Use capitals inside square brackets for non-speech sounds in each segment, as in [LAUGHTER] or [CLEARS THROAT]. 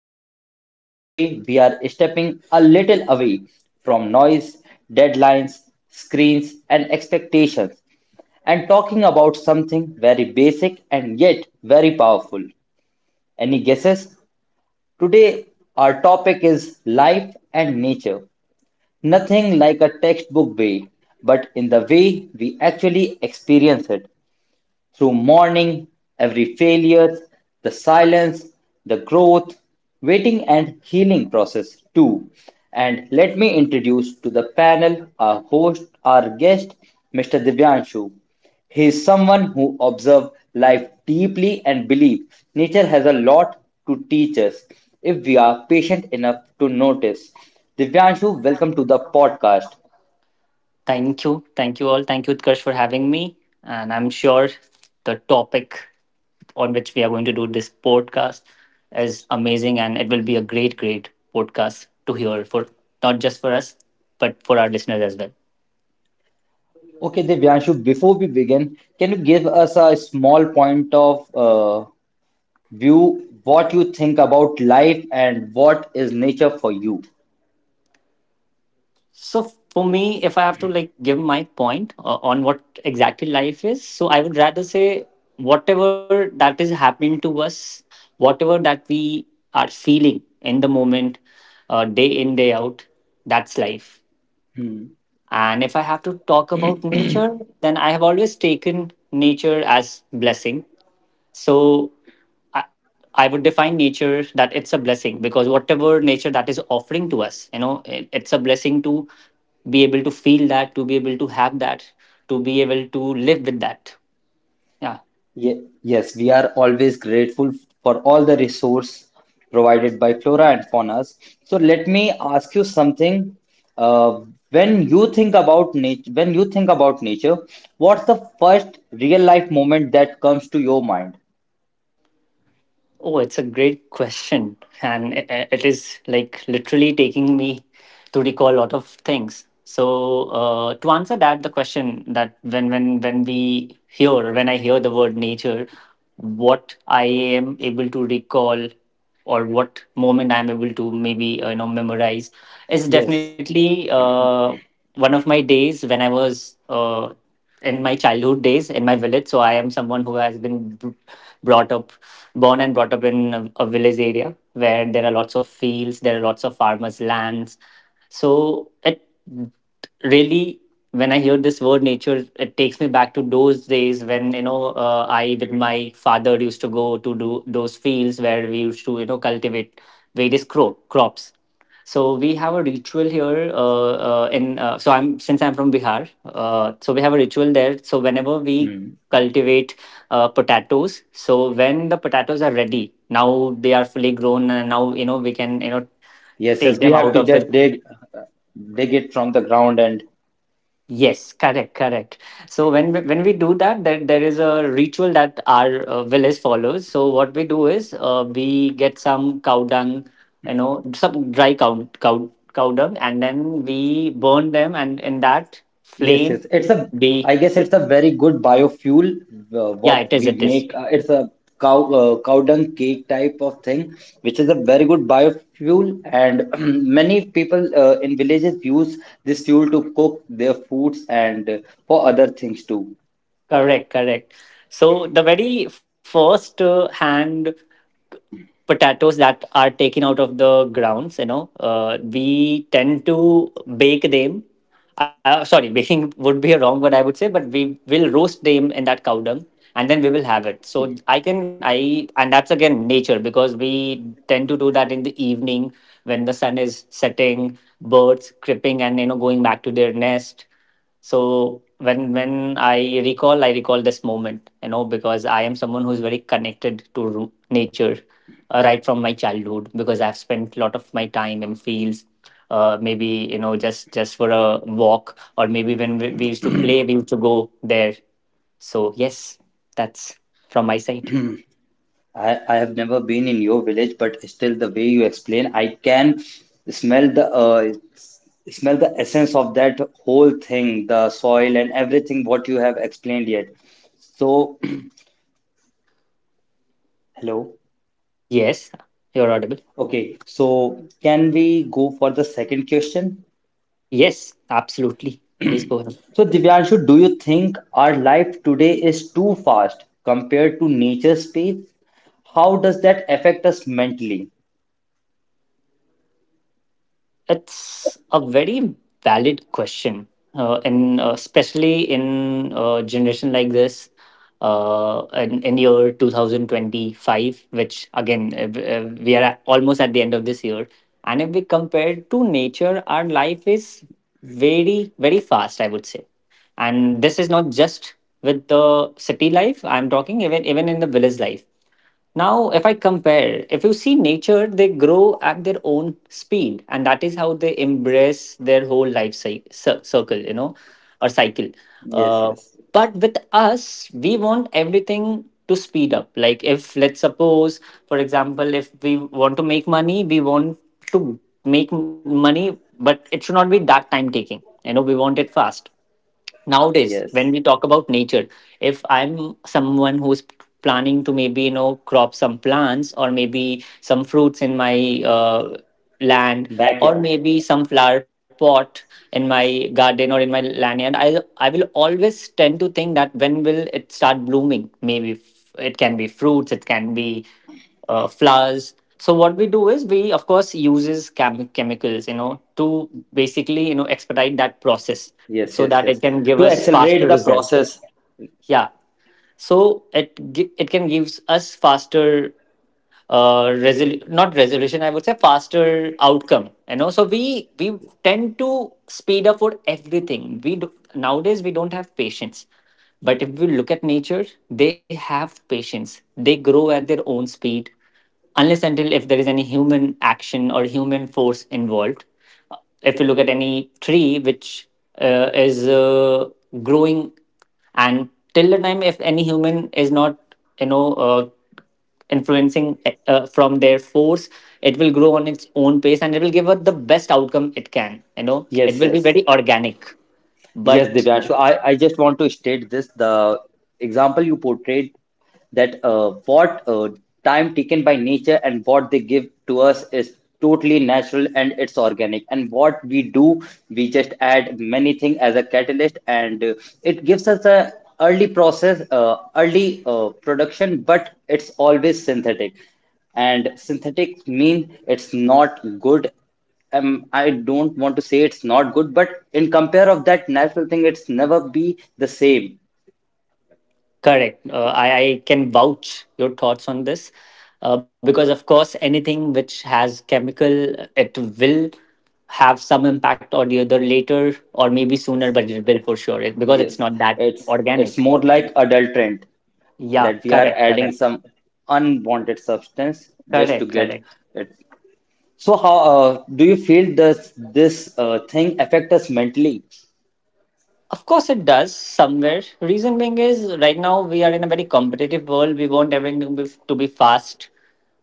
Utkarsh, and today we are stepping a little away from noise, deadlines, screens, and expectations and talking about something very basic and yet very powerful. Any guesses? Today, our topic is life and nature. Nothing like a textbook way, but in the way we actually experience it. Through mourning, every failure, the silence, the growth, waiting and healing process too. And let me introduce to the panel our host, our guest, Mr. Divyanshu. He is someone who observes life deeply and believes nature has a lot to teach us if we are patient enough to notice. Divyanshu, welcome to the podcast. Thank you. Thank you all. Thank you, Utkarsh, for having me. And I'm sure the topic on which we are going to do this podcast is amazing and it will be a great, great podcast to hear for not just for us, but for our listeners as well. Okay, Divyanshu, before we begin, can you give us a small point of view what you think about life and what is nature for you? So for me, if I have to like give my point on what exactly life is, so I would rather say whatever that is happening to us, whatever that we are feeling in the moment, day in day out, that's life. Hmm. And if I have to talk about nature, then I have always taken nature as blessing. So I, I would define nature that it's a blessing because whatever nature that is offering to us, it's a blessing to be able to feel that, to be able to have that, to be able to live with that. Yeah. Yes, we are always grateful for all the resource provided by flora and fauna. So let me ask you something. Uh, when you think about nature, what's the first real life moment that comes to your mind? Oh, it's a great question. And it is like literally taking me to recall a lot of things. So to answer that, the question that when I hear the word nature, what I am able to recall or what moment I'm able to maybe memorize is Yes. definitely one of my days when I was in my childhood days in my village. So I am someone who has been brought up, born and brought up in a village area where there are lots of fields, there are lots of farmers' lands. So it really, when I hear this word nature, it takes me back to those days when I with my father used to go to do those fields where we used to cultivate various crops. So we have a ritual here. In so I'm since I'm from Bihar. So we have a ritual there. So whenever we cultivate potatoes, so when the potatoes are ready, now they are fully grown, and now we can Yes, take yes, we them have out to of just the. Dig it from the ground and Yes, correct, correct. So when we do that, there is a ritual that our village follows. So what we do is we get some cow dung, some dry cow dung, and then we burn them, and in that yes, flame, yes. It's a we I guess it's a very good biofuel yeah, what it is, we it is. make. It's a cow dung cake type of thing, which is a very good biofuel and [CLEARS THROAT] many people in villages use this fuel to cook their foods and for other things too. Correct, correct. So the very first hand potatoes that are taken out of the grounds, we tend to bake them. Sorry, [LAUGHS] baking would be a wrong word, I would say, but we will roast them in that cow dung and then we will have it. So and that's again nature because we tend to do that in the evening when the sun is setting, birds creeping and going back to their nest. So when I recall this moment, because I am someone who's very connected to nature right from my childhood because I've spent a lot of my time in fields. Maybe just for a walk or maybe when we used to play, we used to go there. So yes, that's from my side. I have never been in your village, but still the way you explain, I can smell the smell the essence of that whole thing, the soil and everything what you have explained yet. So, [CLEARS THROAT] hello. Yes, you're audible. Okay, so can we go for the second question? Yes, absolutely, please go ahead. So, Divyanshu, do you think our life today is too fast compared to nature's pace? How does that affect us mentally? It's a very valid question, and especially in a generation like this, in, year 2025, which again, we are almost at the end of this year. And if we compare to nature, our life is very, very fast, I would say. And this is not just with the city life, I'm talking even in the village life. Now, if I compare, if you see nature, they grow at their own speed, and that is how they embrace their whole life circle, or cycle. Yes, Uh, yes. but with us, we want everything to speed up. Like, if let's suppose, for example, if we want to make money, we want to make money, but it should not be that time taking. You know, we want it fast nowadays. When Yes. we talk about nature, if I'm someone who's planning to maybe crop some plants or maybe some fruits in my land or Backyard. maybe some flower pot in my garden or in my lanyard, I will always tend to think that when will it start blooming. Maybe it can be fruits, it can be flowers. So what we do is we of course uses chemicals, to basically expedite that process Yes, so yes, that yes. it can give To us faster accelerate the result. process. Yeah. So it it can gives us faster not resolution, I would say, faster outcome. So we tend to speed up for everything we do. Nowadays, we don't have patience, but if we look at nature, they have patience. They grow at their own speed, unless until if there is any human action or human force involved. Uh, if you look at any tree which is growing, and till the time if any human is not you know uh, influencing from their force, it will grow on its own pace, and it will give us the best outcome it can, it Yes, will be yes. very organic. Yes, But Divyanshu. I just want to state this. The example you portrayed that what time taken by nature and what they give to us is totally natural and it's organic. And what we do, we just add many things as a catalyst and it gives us a early process, early production, but it's always synthetic and synthetic mean it's not good I don't want to say it's not good, but in compare of that natural thing, it's never be the same. Correct. I can vouch your thoughts on this, because, of course, anything which has chemical, it will have some impact or the other later or maybe sooner, but it will for sure, because Yes, it's not that it's organic. more like adulterant Yeah, that we are correct, adding correct, some unwanted substance just to correct, get correct. it. So how do you feel this thing affect us mentally? Of course, it does somewhere. Reason being is right now we are in a very competitive world. We want everything to be fast.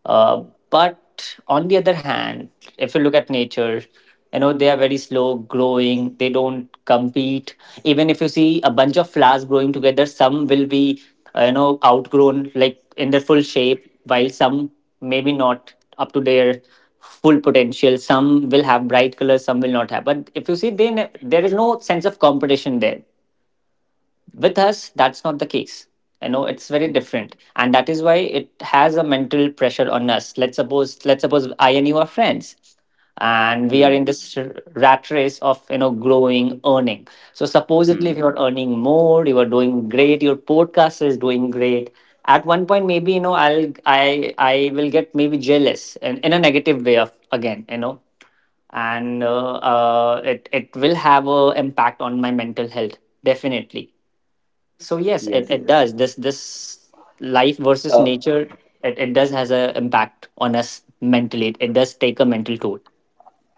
Uh, but on the other hand, if you look at nature, they are very slow growing. They don't compete. Even if you see a bunch of flowers growing together, some will be outgrown like in their full shape, while some maybe not up to their full potential. Some will have bright colors, some will not have. But if you see, they there is no sense of competition there. With us, that's not the case. It's very different, and that is why it has a mental pressure on us. Let's suppose I and you are friends, and we are Hmm. in this rat race of growing, earning. So supposedly, Hmm. if you're earning more, you are doing great, your podcast is doing great. At one point, maybe I will get maybe jealous in a negative way of again and it will have a impact on my mental health, definitely. So yes, it, Yes. it Yes. does. This life versus Uh, nature, it does has an impact on us mentally. It does take a mental toll.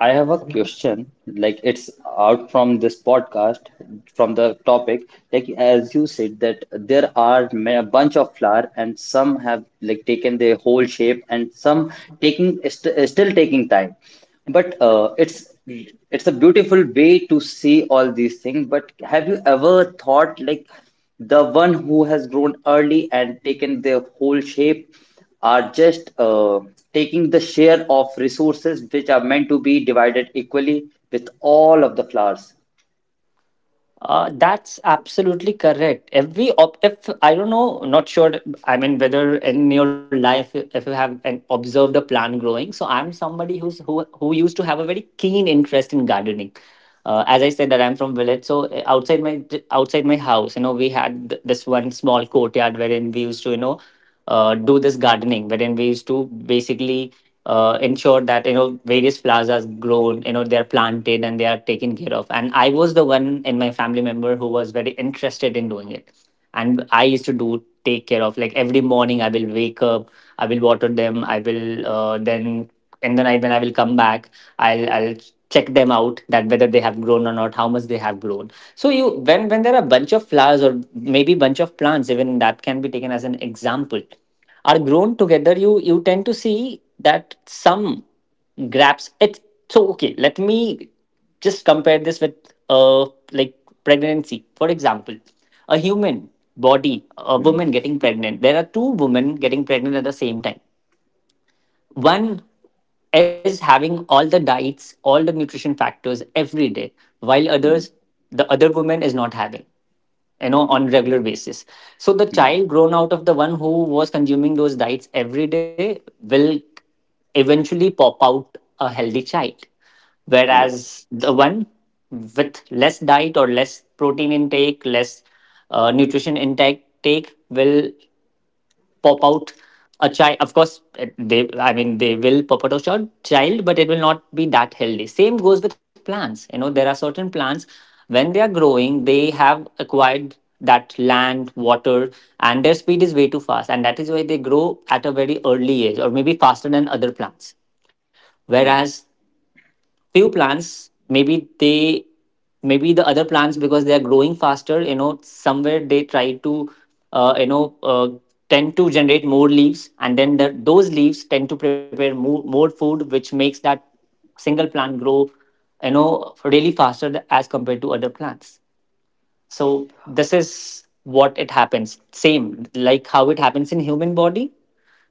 I have a question, like it's out from this podcast, from the topic. Like as you said that there are a bunch of flower and some have like taken their whole shape and some taking st still taking time. But it's a beautiful way to see all these things. But have you ever thought like the one who has grown early and taken their whole shape? Are just taking the share of resources which are meant to be divided equally with all of the flowers. That's absolutely correct. Every we If I don't know, not sure. I mean, whether in your life, if you have observed a plant growing. So I'm somebody who used to have a very keen interest in gardening. As I said, that I'm from village, so outside my house, we had this one small courtyard wherein we used to. Do this gardening wherein we used to basically ensure that various flowers are grown. They are planted, and they are taken care of. And I was the one in my family member who was very interested in doing it. And I used to do take care of, like every morning. I will wake up, I will water them, I will then in the night when I will come back, I'll check them out, that whether they have grown or not, how much they have grown. So you, when there are bunch of flowers or maybe bunch of plants, even that can be taken as an example, are grown together, you tend to see that some grabs it. So okay, let me just compare this with uh like pregnancy, for example. A human body. A Hmm, woman getting pregnant. There are two women getting pregnant at the same time. One is having all the diets, all the nutrition factors every day, while hmm, others, the woman is not having on regular basis. So the hmm. child grown out of the one who was consuming those diets every day will eventually pop out a healthy child, Yes. whereas the one with less diet or less protein intake, less nutrition intake take will pop out a child, of course. They, I mean, they will pop out a child, but it will not be that healthy. Same goes with plants. There are certain plants when they are growing, they have acquired that land water, and their speed is way too fast, and that is why they grow at a very early age or maybe faster than other plants. Whereas few plants, maybe they, maybe the other plants, because they are growing faster, you know, somewhere they try to uh, you know uh, tend to generate more leaves, and then those leaves tend to prepare more food, which makes that single plant grow, you know, really faster as compared to other plants. So this is what it happens, same like how it happens in human body,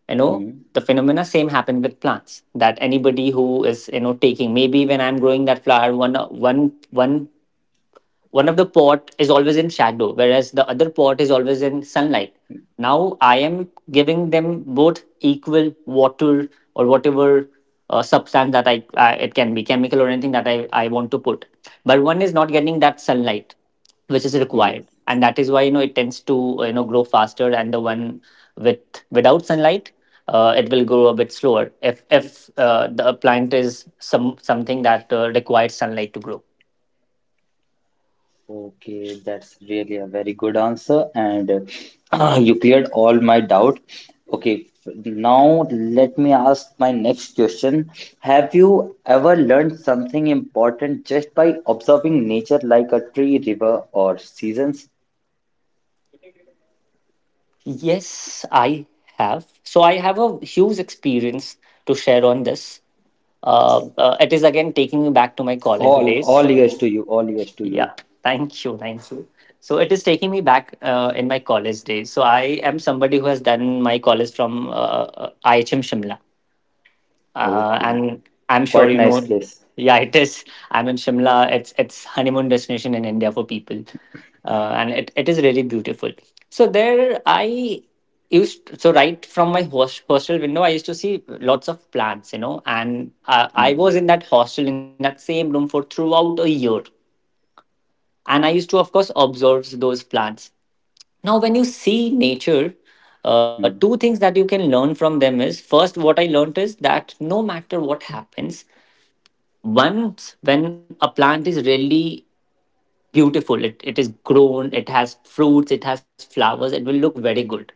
you know, Hmm, the phenomena same happen with plants, that anybody who is, you know, taking, maybe when I'm growing that flower, one one of the pot is always in shadow, whereas the other pot is always in sunlight. Now I am giving them both equal water or whatever substance that I it can be chemical or anything that I want to put, but one is not getting that sunlight, which is required, Yes. and that is why, you know, it tends to grow faster, and the one with without sunlight, it will grow a bit slower if the plant is some something that requires sunlight to grow. Okay, that's really a very good answer, and [CLEARS THROAT] you cleared all my doubt. Okay, now let me ask my next question. Have you ever learned something important just by observing nature like a tree, river, or seasons? Yes, I have. So I have a huge experience to share on this. It is again taking me back to my college All days. ears to you. All ears to you. Yeah, thank you, thank you. So it is taking me back in my college days. So I am somebody who has done my college from IHM Shimla, Okay. and I'm sure Quite you nice know. place. Yeah, it is. I'm in Shimla. It's honeymoon destination in India for people, and it is really beautiful. So there, I used, so right from my hostel window, I used to see lots of plants, you know, and I Hmm. was in that hostel in that same room for throughout a year, and I used to, of course, observe those plants. Now, when you see nature, Hmm. two things that you can learn from them is: first, what I learned is that no matter what happens, once when a plant is really beautiful, it is grown, it has fruits, it has flowers, it will look very good.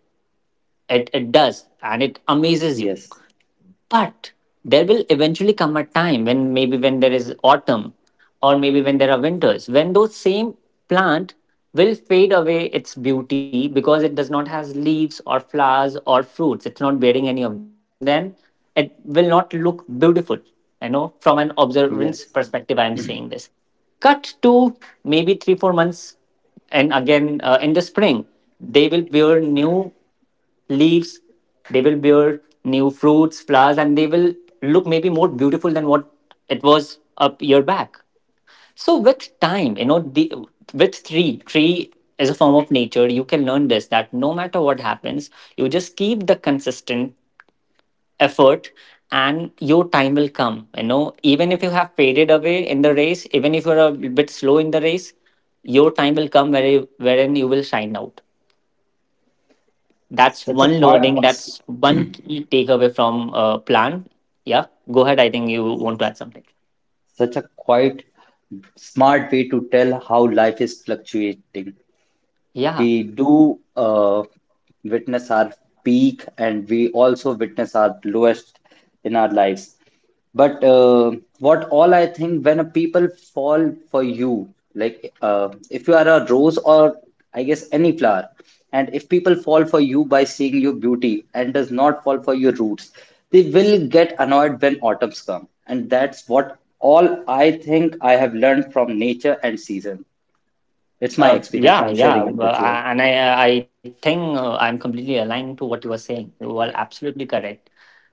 It does, and it amazes you. Yes. But there will eventually come a time when maybe when there is autumn or maybe when there are winters, when those same plant will fade away its beauty because it does not have leaves or flowers or fruits. It's not bearing any of those. And then it will not look beautiful. You know, from an observance Yes. perspective, I am saying this. Cut to maybe three, four months, and again in the spring, they will bear new leaves, they will bear new fruits, flowers, and they will look maybe more beautiful than what it a year back. So with time, you know, the with tree is a form of nature, you can learn this, that no matter what happens, you just keep the consistent effort, and your time will come, you know, even if you have faded away in the race, even if you're a bit slow in the race, your time will come, where wherein you will shine out. That's Such a one quiet, learning. That's one key takeaway from plan. Yeah, go ahead. I think you want to add something. such a quiet, smart way to tell how life is fluctuating. Yeah, We do witness our peak and we also witness our lowest in our lives. But what all I think when a people fall for you, like if you are a rose or I guess any flower, and if people fall for you by seeing your beauty and does not fall for your roots, they will get annoyed when autumns come. And that's what all I think I have learned from nature and season. It's my experience. I'm yeah. sharing it Well, with you. And I think I'm completely aligned to what you were saying. You are absolutely correct.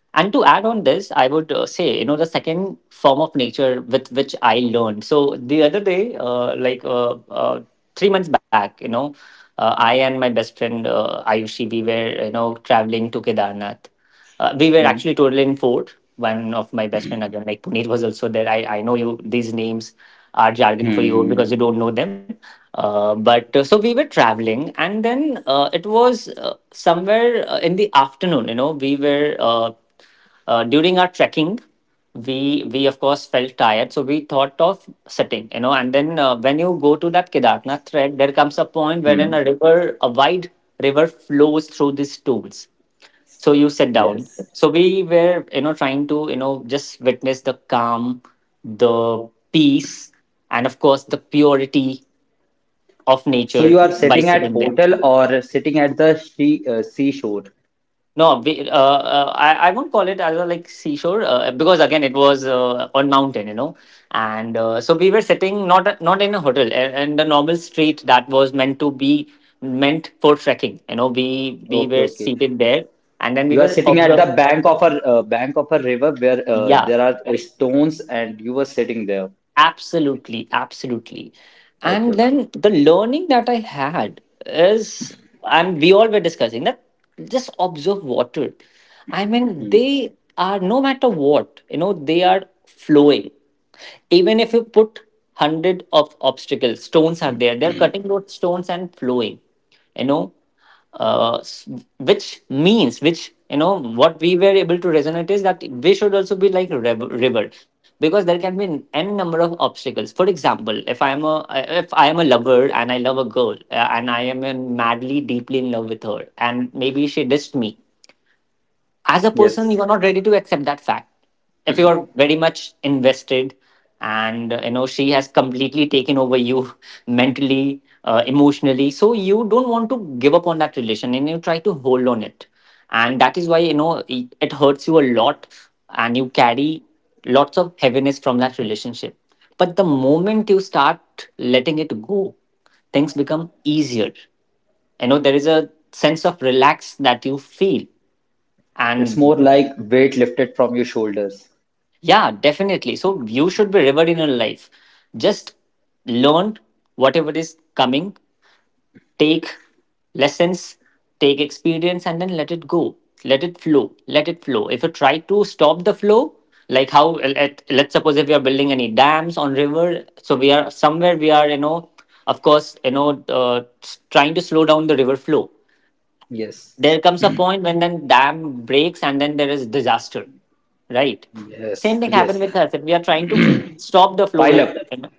And to add on this, I would say, you know, the second form of nature with which I learned. So the other day, three months back, you know, I and my best friend Ayushi, we were, you know, traveling to Kedarnath. We were Mm, actually total in four. One of my best friend again, like Puneet, was also there. I know you these names are jargon for you Hmm. because you don't know them. But So we were traveling, and then it was somewhere in the afternoon. You know, we were during our trekking. We of course felt tired, so we thought of sitting. You know, and then when you go to that Kedarnath trek, there comes a point wherein Hmm. a river, a wide river, flows through these tools. So you sit down. Yes. So we were, you know, trying to, you know, just witness the calm, the peace, and of course the purity of So you nature are by sitting at sitting there. hotel or sitting at the seashore. No, we, I won't call it as a like seashore because again it was on mountain, you know, and so we were sitting, not in a hotel, in the normal street that was meant to be meant for trekking, you know, we Okay. were Okay. seated there. And then we You are were sitting at observed. the bank of a river where Yeah. there are stones, and you were sitting there. Absolutely, absolutely. Okay. And Okay. then the learning that I had is, and we all were discussing that, just observe water. I mean, Hmm. they are, no matter what, you know, they are flowing. Even if you put hundred of obstacles, stones are there, they're cutting those stones and flowing, you know, uh, s- which means, which, you know, what we were able to resonate is that we should also be like rebel because there can be an n number of obstacles. For example, if I am a, if I am a lover and I love a girl, and I am in madly deeply in love with her, and maybe she dissed me. As a person, Yes. you are not ready to accept that fact if you are very much invested, and you know, she has completely taken over you [LAUGHS] mentally, emotionally, so you don't want to give up on that relation, and you try to hold on it, and that is why, you know, it hurts you a lot, and you carry lots of heaviness from that relationship. But the moment you start letting it go, things become easier. You know, there is a sense of relax that you feel. It's And more like weight lifted from your shoulders. yeah, definitely. So you should be revered in your life. Just learn whatever is coming, take lessons, take experience, and then let it go. Let it flow. Let it flow. If you try to stop the flow, like how let's suppose if we are building any dams on river, so we are somewhere, we are, you know, of course, you know, trying to slow down the river flow, Yes. there comes a point when then dam breaks and then there is disaster, right? Yes. Same thing happened Yes. with us if we are trying to stop the flow, Pile up, you know.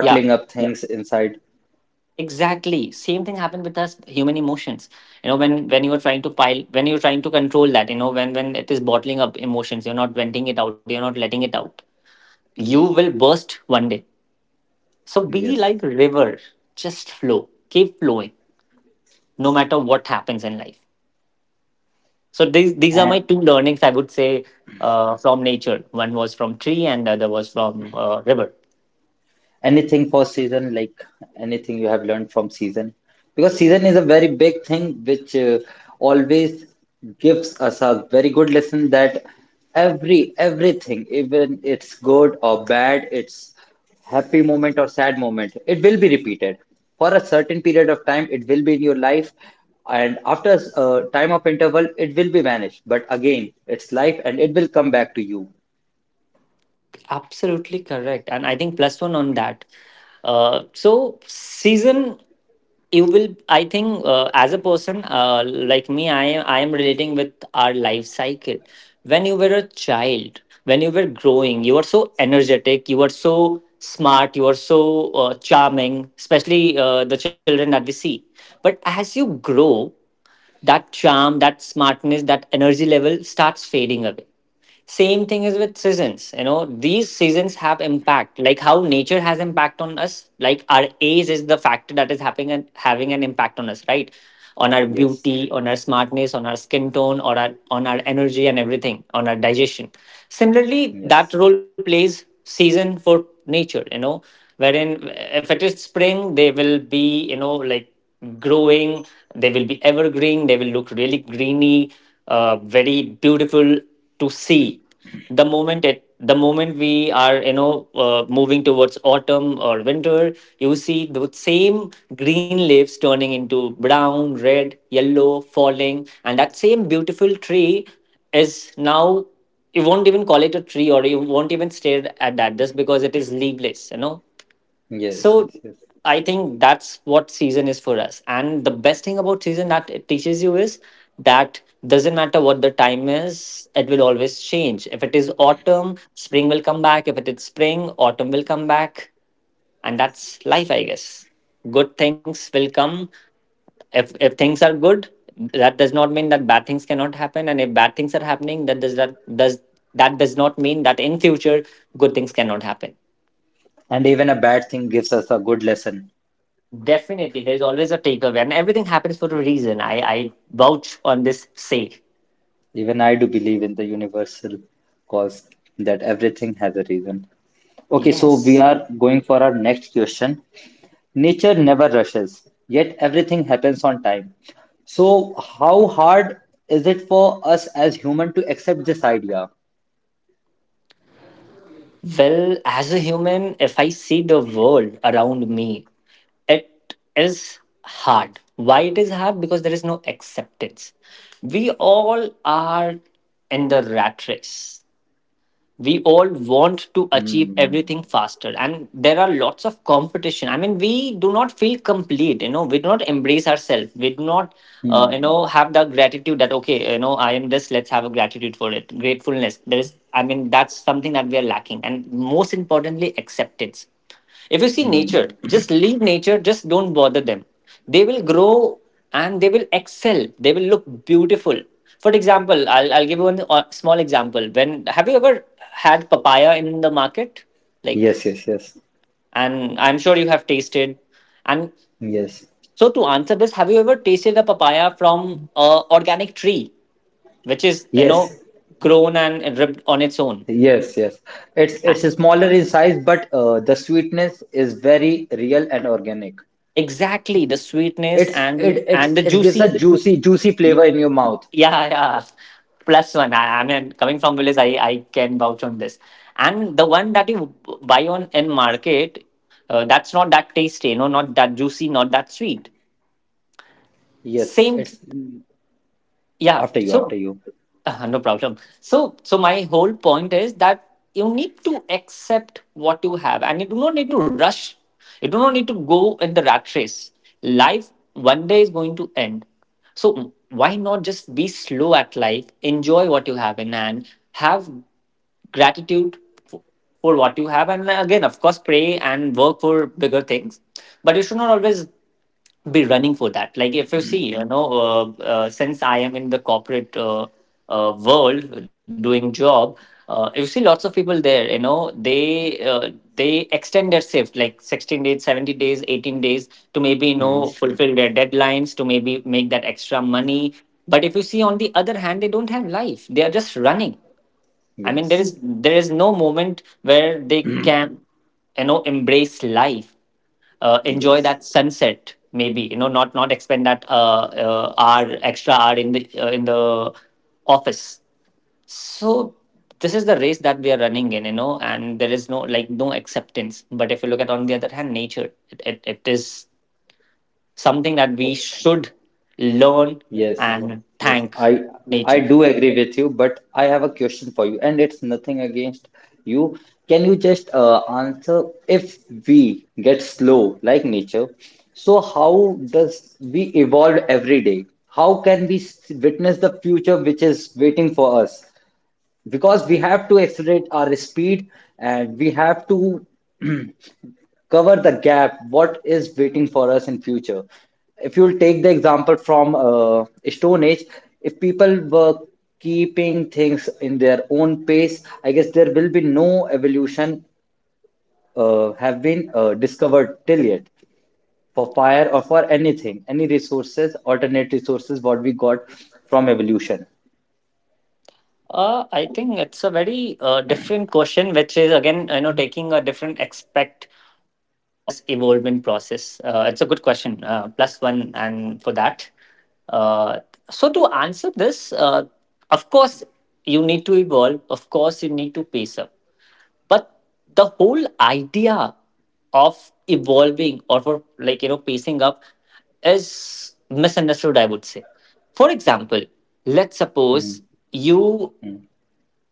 Yeah, up Yeah. things inside. exactly same thing happened with us human emotions, you know, when you are trying to pile, when you're trying to control that, you know, when it is bottling up emotions, you're not venting it out, you're not letting it out, you will burst one day. So be Yes. like river, just flow, keep flowing, no matter what happens in life. So these are my And. two learnings, I would say, from nature. One was from tree, and the other was from river. Anything for season like anything you have learned from season because season is a very big thing which always gives us a very good lesson that every everything even it's good or bad it's happy moment or sad moment it will be repeated for a certain period of time it will be in your life and after a time of interval it will be vanished but again it's life and it will come back to you Absolutely correct, and I think plus one on that. So season, you will, I think, as a person like me, I am relating with our life cycle. When you were a child, when you were growing, you were so energetic, you were so smart, you were so charming, especially the children that we see. But as you grow, that charm, that smartness, that energy level starts fading away. Same thing is with seasons. You know, these seasons have impact. Like how nature has impact on us. Like our age is the factor that is having an impact on us, right? On our yes beauty, on our smartness, on our skin tone, or on our energy and everything, on our digestion. Similarly, yes that role plays season for nature. You know, wherein if it is spring, they will be, you know, like growing. They will be evergreen. They will look really greeny, very beautiful to see. The moment it, the moment we are, you know, moving towards autumn or winter, you see the same green leaves turning into brown, red, yellow, falling, and that same beautiful tree is now, you won't even call it a tree, or you won't even stare at that just because it is leafless, you know. yes So yes yes I think that's what season is for us. And the best thing about season that it teaches you is that doesn't matter what the time is, it will always change. If it is autumn, spring will come back. If it is spring, autumn will come back. And that's life, I guess. Good things will come. If things are good, that does not mean that bad things cannot happen. And if bad things are happening, that does not mean that in future good things cannot happen. And even a bad thing gives us a good lesson. Definitely, there's always a takeaway, and everything happens for a reason. I vouch on this say. Even I do believe in the universal cause that everything has a reason. Okay, so we Yes. are going for our next question. Nature never rushes, yet everything happens on time. So, how hard is it for us as human to accept this idea? Well, as a human, if I see the world around me, it is hard. Why it is hard? Because there is no acceptance. We all are in the rat race. We all want to achieve Hmm. everything faster, and there are lots of competition. I mean, we do not feel complete, you know, we do not embrace ourselves, we do not you Hmm. know have the gratitude that okay, you know, I am this, let's have a gratitude for it, gratefulness. There is, I mean, that's something that we are lacking, and most importantly, acceptance. If you see nature, just leave nature, just don't bother them. They will grow and they will excel. They will look beautiful. For example, I'll give you one small example. When have you ever had papaya in the market? Like, Yes, yes, yes, and I'm sure you have tasted. And yes, so to answer this, have you ever tasted a papaya from a organic tree, which is you know yes, grown and ripped on its own? yes, yes. It's A- smaller in size, but the sweetness is very real and organic. Exactly, the sweetness It's and it it and the it gives juicy. a juicy juicy Y- flavor in your mouth. Yeah, yeah. Plus one. I mean, coming from village, I can vouch on this. And the one that you buy on in market, that's not that tasty, no, not that juicy, not that sweet. Yes, Same, it's yeah. after you after So [LAUGHS] you. No problem. So my whole point is that you need to accept what you have, and you do not need to rush. You do not need to go in the rat race. Life one day going to end. So why not just be slow at life, enjoy what you have in hand, have gratitude for, for what you have, and again, of course, pray and work for bigger things. But you should not always be running for that. Like if you see, you know, since I am in the corporate world doing job, you see lots of people there. You know, they extend their shift like 16 days, seventy days, 18 days to maybe you Mhm. know fulfill their deadlines, to maybe make that extra money. But if you see on the other hand, they don't have life. They are just running. I mean, there Yes, is there is no moment where they can, you know, embrace life, enjoy yes, that sunset. Maybe you know, not expend that hour, extra hour in the office. So this is the race that we are running in, you know, and there is no like no acceptance. But if you look at on the other hand, nature, it is something that we should learn yes, and yes. thank I nature. do agree with you, but I have a question for you, and it's nothing against you. Can you just answer if we get slow like nature, so how does we evolve every day? How can we witness the future which is waiting for us? Because we have to accelerate our speed and we have to cover the gap what is waiting for us in future if you'll take the example from stone age if people were keeping things in their own pace I guess there will be no evolution have been discovered till yet for fire or for anything any resources alternate resources what we got from evolution I think it's a very different question, which is again, you know, taking a different aspect on this evolvement process. It's a good question, plus one, and for that. Uh, so to answer this, of course, you need to evolve. Of course, you need to pace up. But the whole idea of evolving or for like you know pacing up is misunderstood, I would say. For example, let's Hmm. suppose you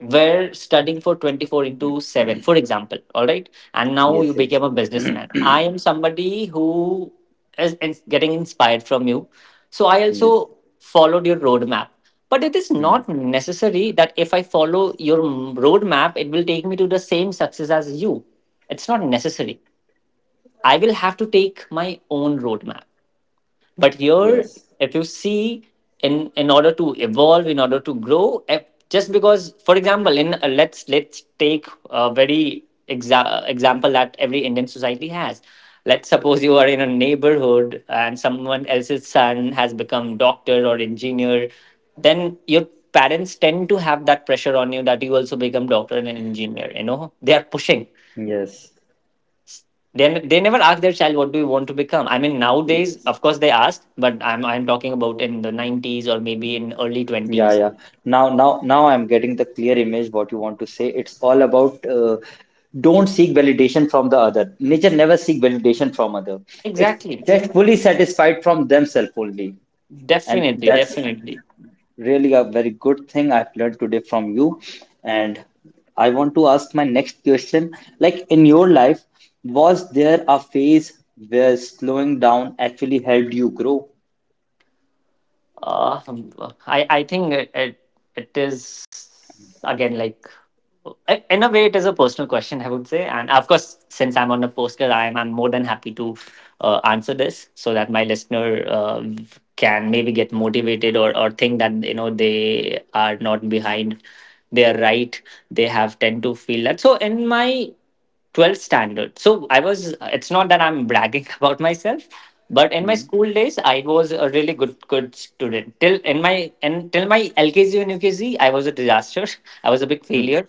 were studying for 24 into 7, for example, all right, and now you yes yes became a businessman. I am somebody who is getting inspired from you, so I yes also followed your roadmap. But it is Hmm. not necessary that if I follow your roadmap it will take me to the same success as you. It's not necessary. I will have to take my own roadmap. But here, yes if you see, in order to evolve, in order to grow, if, just because, for example, in let's take a very example that every Indian society has. Let's suppose you are in a neighborhood and someone else's son has become doctor or engineer, then your parents tend to have that pressure on you that you also become doctor and an engineer. You know, they are pushing. Yes, They never ask their child what do you want to become. I mean, nowadays, yes. of course, they ask, but I'm talking about in the 90s or maybe in early Yeah, 20s. yeah. Now I'm getting the clear image what you want to say. It's all about don't seek validation from the other. Nature never seek validation from other. It's Exactly. just fully satisfied from themselves only. And Definitely, that's definitely. really a very good thing I've learned today from you. And I want to ask my next question. Like in your life, was there a phase where slowing down actually helped you grow? Uh, I think it is again like in a way it is a personal question I would say, and of course since I'm on a postcard, I'm more than happy to answer this so that my listener can maybe get motivated or think that you know they are not behind, they are right, they have tend to feel that. So in my 12th standard. So I was, it's not that I'm bragging [LAUGHS] about myself, but in my Hmm. [LAUGHS] school days, I was a really good student. Till in my, until my LKG and UKG, I was a disaster. [LAUGHS] I was a big Hmm. failure.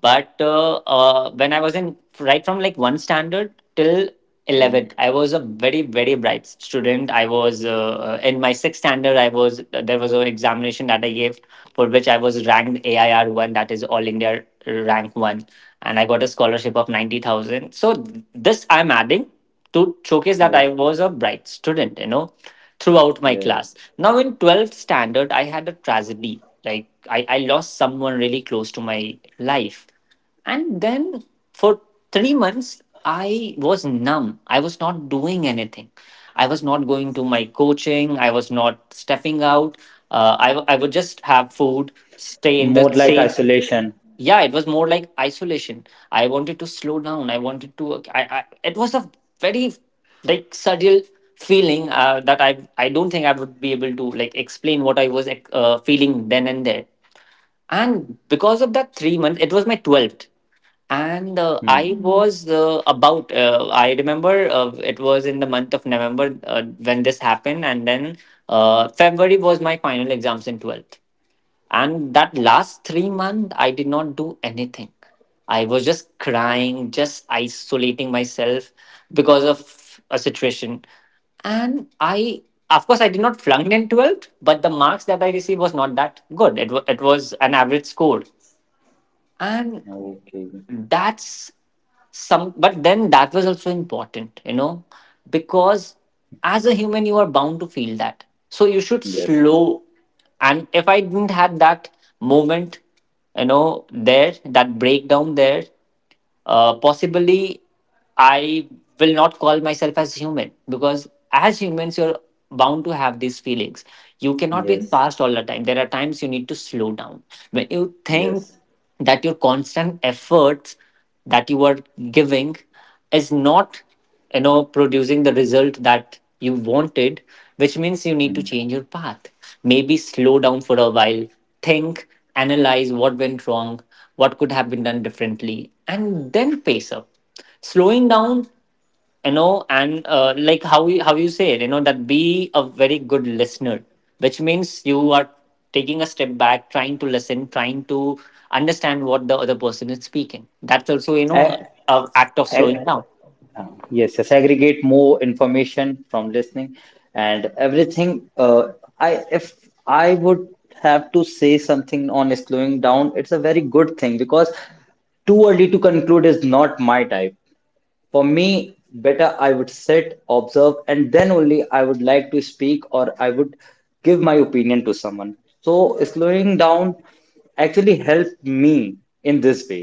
But when I was in, right from like one standard till Hmm. 11, I was a very bright student. I was in my sixth standard, I was, there was an examination that I gave, for which I was ranked AIR 1, that is all India rank 1, and I got a scholarship of 90,000. So this I'm adding to showcase that Yes. I was a bright student, you know, throughout my class. Yes. Now in 12th standard, I had a tragedy. I lost someone really close to my life, and then for 3 months, I was numb. I was not doing anything. I was not going to my coaching. I was not stepping out. I, I would just have food, stay in the more like same. isolation Yeah, it was more like isolation. I wanted to slow down. I wanted to. I it was a very like surreal feeling that I don't think I would be able to like explain what I was feeling then and there. And because of that 3 months, it was my 12th. And I hmm. was about, I remember it was in the month of November when this happened. And then February was my final exams in 12th. And that last 3 months, I did not do anything. I was just crying, just isolating myself because of a situation. And I, of course, I did not flunk in 12th, but the marks that I received was not that good. It, it was an average score. And Okay. that's some. But then that was also important, you know, because as a human you are bound to feel that, so you should yes slow. And if I didn't had that moment, you know, there, that breakdown there, possibly I will not call myself as human, because as humans, you're bound to have these feelings. You cannot be yes fast all the time. There are times you need to slow down. When you think yes that your constant efforts that you are giving is not, you know, producing the result that you wanted, which means you need to hmm. change your path. Maybe slow down for a while, think, analyze what went wrong, what could have been done differently, and then pace up. Slowing down, you know, and like how you say it, you know, that be a very good listener, which means you are taking a step back, trying to listen, trying to understand what the other person is speaking. That's also, you A- know, a act of slowing a- down. Yes yes aggregate more information from listening and everything. I if I would have to say something on slowing down it's a very good thing because too early to conclude is not my type For me, better I would sit, observe, and then only I would like to speak or I would give my opinion to someone. So slowing down actually helped me in this way.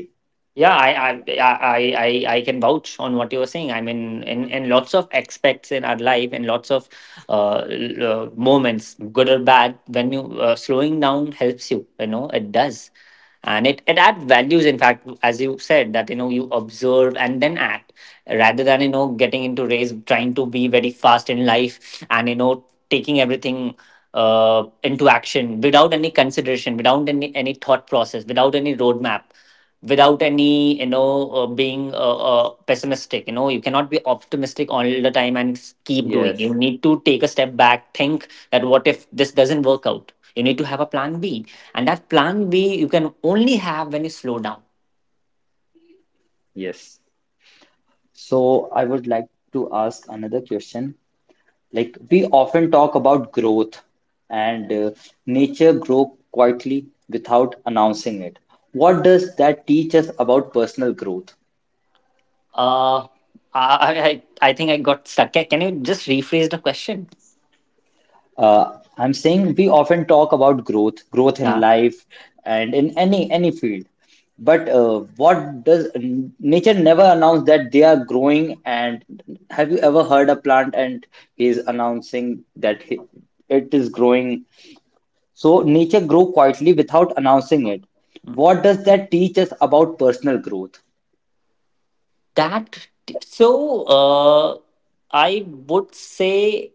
Yeah, I I I can vouch on what you were saying. I mean, in lots of aspects in our life, in lots of moments, good or bad, when you slowing down helps you. You know, it does, and it adds values. In fact, as you said, that you observe and then act, rather than getting into race, trying to be very fast in life, and taking everything into action, without any consideration, without any thought process, without any roadmap, without any being pessimistic. You cannot be optimistic all the time and keep doing. Yes, You need to take a step back, think that what if this doesn't work out. You need to have a plan b, and that plan b you can only have when you slow down. yes. So I would like to ask another question. Like we often talk about growth and nature grow quietly without announcing it. What does that teach us about personal growth? Uh i i, I I think I got stuck. Can you just rephrase the question? I'm saying we often talk about growth, growth in Yeah. life and in any field. But what does nature never announce that they are growing? And have you ever heard a plant and is announcing that it is growing? So nature grow quietly without announcing it. What does that teach us about personal growth? That so uh I would say,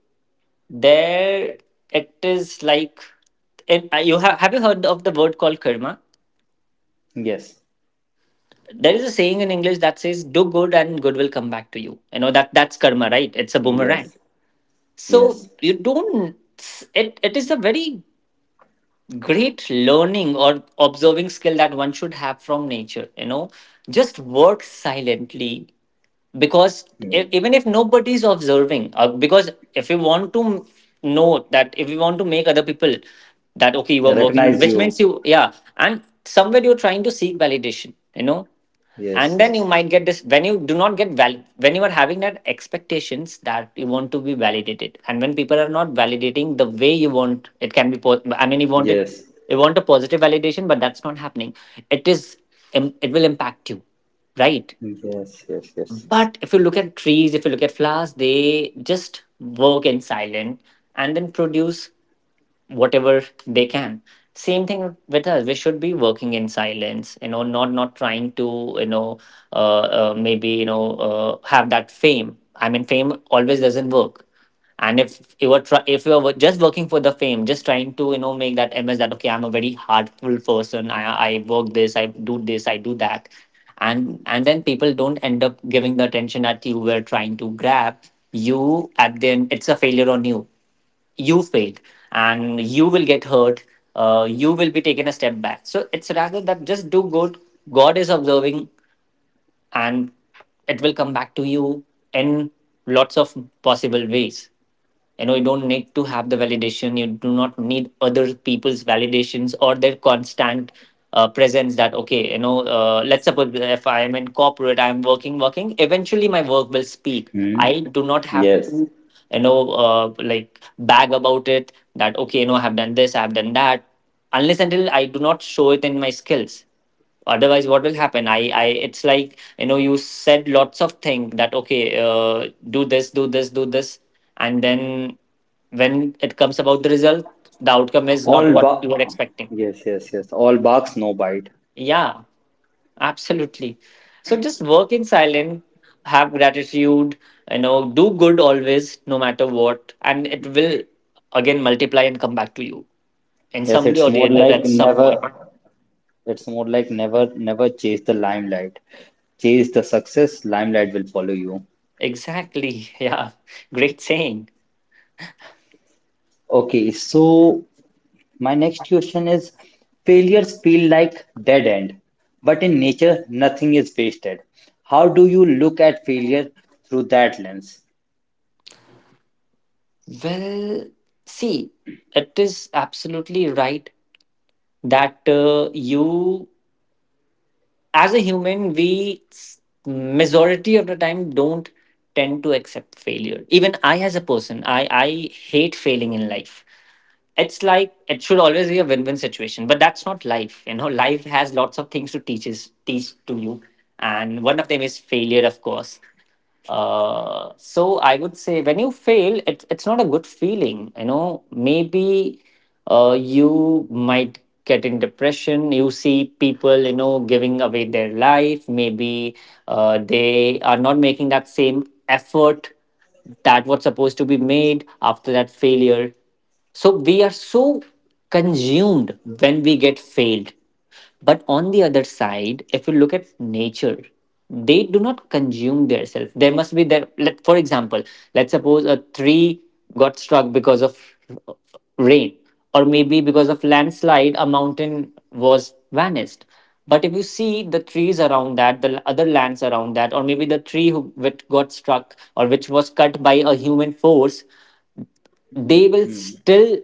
there it is like it, you have you heard of the word called karma? Yes, There is a saying in English that says, do good and good will come back to you. You know that That's karma, right? It's a boomerang. yes, So yes, you don't. It is a very great learning or observing skill that one should have from nature, just work silently. Because if, yes. even if nobody is observing. Because if you want to know that, if you want to make other people that okay, you are working, Recognize which you. means you, yeah. And somewhere you're trying to seek validation, Yes, and then yes, you might get this when you do not get val when you are having that expectations, that you want to be validated. And when people are not validating the way you want, it can be I mean, you want it, yes, you want a positive validation, but that's not happening. It is it will impact you, right? yes, yes, yes. But if you look at trees, if you look at flowers, they just work in silent and then produce whatever they can. Same thing with us. We should be working in silence, not trying to, maybe have that fame. I mean, fame always doesn't work. And if you if you were just working for the fame, just trying to make that image, that okay, I'm a very hardful person. I work this, I do that, and then people don't end up giving the attention that you were trying to grab. You at Then it's a failure on you. You failed, and you will get hurt. You will be taken a step back. So it's rather that, just do good. God is observing, and it will come back to you in lots of possible ways. You don't need to have the validation, you do not need other people's validations or their constant presence, that okay. Let's suppose if I am in corporate, I am working. Eventually my work will speak. Hmm. I do not have Yes. to, you know uh, like bag about it, that okay, I have done this, I have done that, unless until I do not show it in my skills. Otherwise, what will happen? I It's like you said lots of things, that okay, do this, do this, do this, and then when it comes about the result, the outcome is not All what you were bark. expecting. Yes, yes, yes. All barks, no bite. Yeah, absolutely. So just work in silence, have gratitude, do good always, no matter what, and it will again multiply and come back to you in Yes, some way it's or the more other like at some point. never. It's more like never, never chase the limelight. Chase the success, limelight will follow you. Exactly. [LAUGHS] Yeah. Great saying. Okay, so my next question is: Failures feel like dead end, but in nature, nothing is wasted. How do you look at failure through that lens? Well, see, it is absolutely right that, you, as a human, we majority of the time don't tend to accept failure. Even I, as a person, I hate failing in life. It's like it should always be a win-win situation, but that's not life. You know, life has lots of things to teach us, teach to you, and one of them is failure, of course. So I would say when you fail, it's not a good feeling. You know, maybe you might get in depression. You see people, giving away their life. Maybe they are not making that same effort that was supposed to be made after that failure. So we are so consumed when we get failed. But on the other side, if you look at nature, they do not consume themselves. There must be there. For example, let's suppose a tree got struck because of rain, or maybe because of landslide, a mountain was vanished. But if you see the trees around that, the other lands around that, or maybe the tree which got struck or which was cut by a human force, they will Hmm. still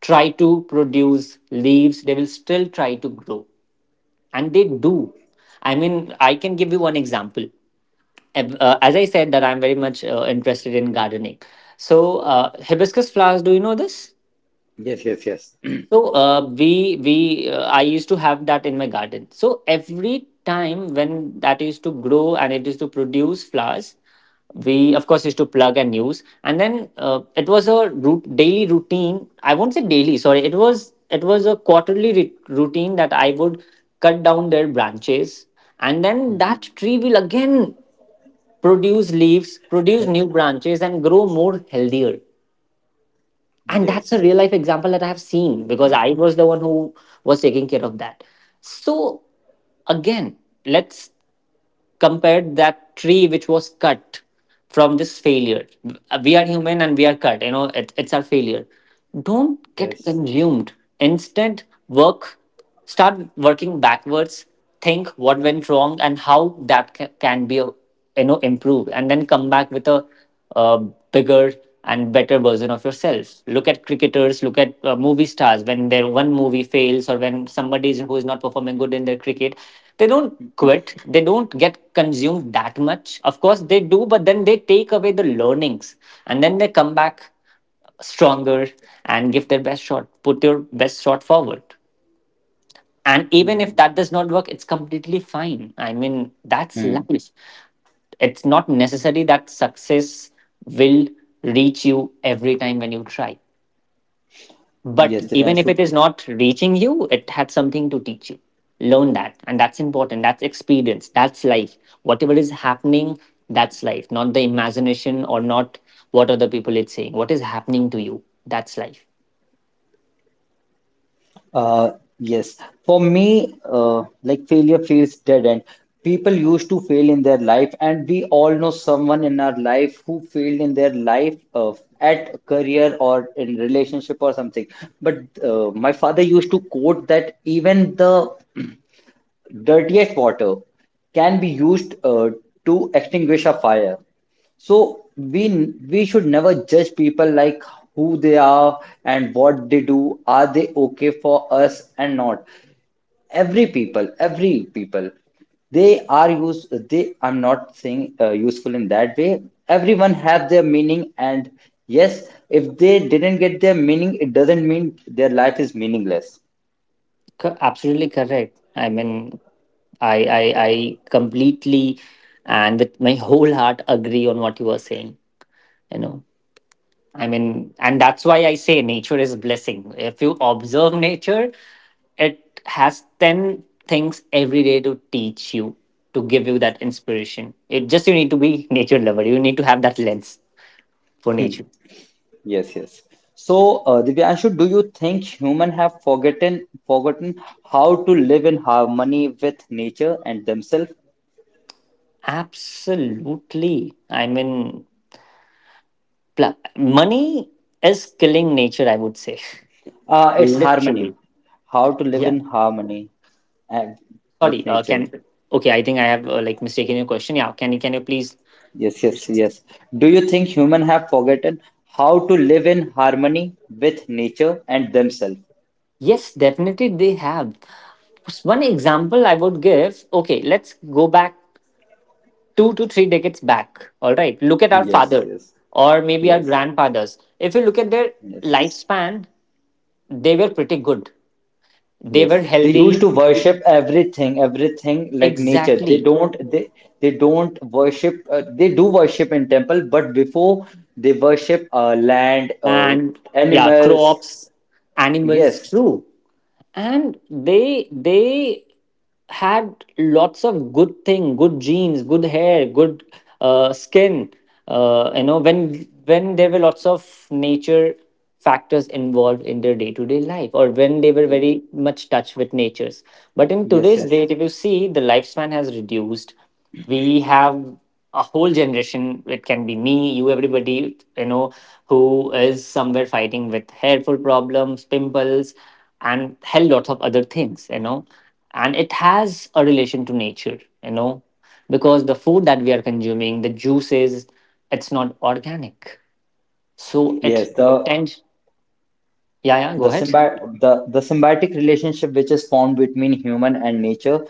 try to produce leaves. They will still try to grow, and they do. I mean, I can give you one example. As I said that I'm very much interested in gardening. So hibiscus flowers, do you know this? Yes, yes, yes. [CLEARS THROAT] So we I used to have that in my garden. So every time when that used to grow and it used to produce flowers, we of course used to plug and use. And then it was a daily routine. I won't say daily. Sorry, it was a quarterly routine that I would cut down their branches, and then Hmm. that tree will again produce leaves, produce new branches, and grow more healthier. And that's a Yes, real life example that I have seen, because I was the one who was taking care of that. So again, let's compare that tree which was cut from this failure. We are human, and we are cut. It's our failure. Don't get yes. consumed, instead work, start working backwards. Think what went wrong and how that can be improved, and then come back with a bigger and better version of yourself. Look at cricketers, look at movie stars. When their one movie fails, or when who is not performing good in their cricket, they don't quit. They don't get consumed that much. Of course, they do, but then they take away the learnings, and then they come back stronger and give their best shot. Put your best shot forward. And even if Hmm. that does not work, it's completely fine. I mean, that's Hmm. life. It's not necessary that success will reach you every time when you try. But Yes, even if Divyanshu. it is not reaching you, it had something to teach you. Learn that. And that's important. That's experience. That's life. Whatever is happening, that's life. Not the imagination or not what other people are saying. What is happening to you, that's life. Uh, yes. For me, like failure feels dead end. People used to fail in their life, and we all know someone in our life who failed in their life at career or in relationship or something. But my father used to quote that even the Dirtiest water can be used to extinguish a fire. So we should never judge people like who they are and what they do. Are they okay for us and not? Every people, they are use. They I'm not saying useful in that way. Everyone have their meaning, and yes, if they didn't get their meaning, it doesn't mean their life is meaningless. Absolutely correct. I mean, I completely and with my whole heart agree on what you were saying. You know, I mean, and that's why I say nature is a blessing. If you observe nature, it has 10 things every day to teach you, to give you that inspiration. It just you need to be [LAUGHS] nature lover. You need to have that lens for nature. Yes, yes. So, Divyanshu, do you think human have forgotten how to live in harmony with nature and themselves? Absolutely. I mean, money is killing nature, I would say. [LAUGHS] It's harmony. Literally. How to live Yeah. in harmony and with Sorry. Nature. Can Okay, I think I have mistaken your question. Yeah, can you please. Yes, yes, yes. Do you think human have forgotten how to live in harmony with nature and themselves? Yes, definitely they have. One example I would give, okay, let's go back 2 to 3 decades back. All right, look at our Yes, father, yes, or maybe our yes, grandfathers. If you look at their yes. lifespan, they were pretty good, they Yes, were they used healthy. to worship everything, everything like nature. They Exactly. don't, they they don't worship. They do worship in temple, but before they worship land, Land, yeah, animals. crops, animals, Yes, true. And they had lots of good thing, good genes, good hair, good skin. When there were lots of nature factors involved in their day to day life, or when they were very much touch with natures. But in yes, today's yes, date, if you see, the lifespan has reduced. We have a whole generation, it can be me, you, everybody, who is somewhere fighting with hairful problems, pimples, and hell lots of other things. And it has a relation to nature, because the food that we are consuming, the juices, it's not organic, so it yes. Tends. Yeah, yeah, The go ahead. Symbiotic relationship which is formed between human and nature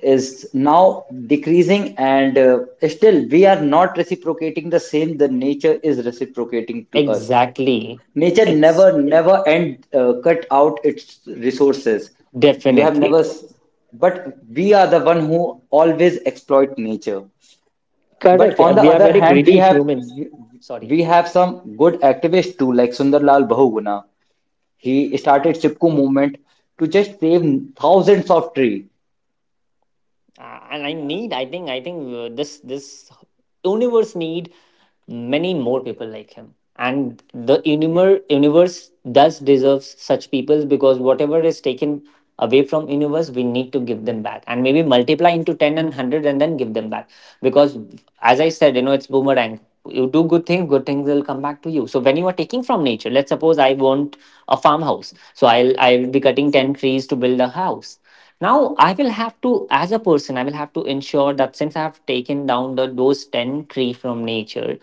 is now decreasing, and still we are not reciprocating the same the nature is reciprocating to us. Exactly, Nature never it's never end cut out its resources. You have definitely never s- But we are the one who always exploit nature. But correct. on the We are other very hand, greedy humans. Sorry. we have some good activists too, like Sunderlal Bahuguna. He started Chipko movement to just save thousands of tree. And I need. I think. I think this universe need many more people like him. And the universe does deserves such people, because whatever is taken away from universe, we need to give them back and maybe multiply into 10 and 100 and then give them back. Because as I said, it's boomerang. You do good things will come back to you. So when you are taking from nature, let's suppose I want a farmhouse, so I'll be cutting 10 trees to build a house. Now I will have to as a person, I will have to ensure that, since I have taken down the those 10 tree from nature,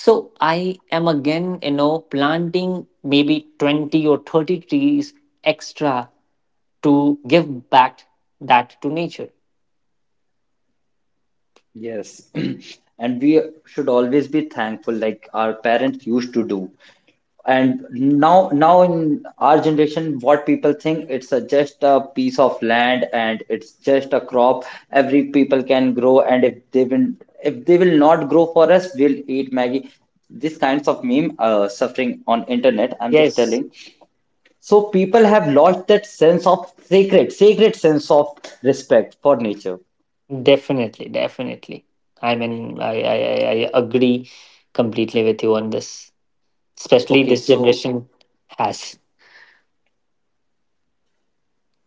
so I am again, planting maybe 20 or 30 trees extra to give back that to nature. Yes. [CLEARS THROAT] And we should always be thankful, like our parents used to do. And now in our generation, what people think, it's a, just a piece of land and it's just a crop every people can grow, and if they will not grow for us, we'll eat Maggie. These kinds of meme suffering on internet, I'm just Yes, telling. So people have lost that sense of sacred, sacred sense of respect for nature. definitely. I mean, I agree completely with you on this, especially Okay, this so generation has.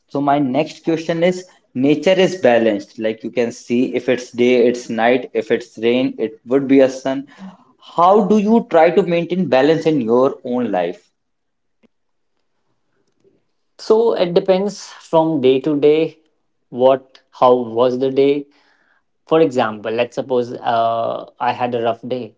so my next question is: nature is balanced. Like you can see, if it's day, it's night, if it's rain, it would be a sun. How do you try to maintain balance in your own life? So it depends from day to day what how was the day. For example, let's suppose I had a rough day,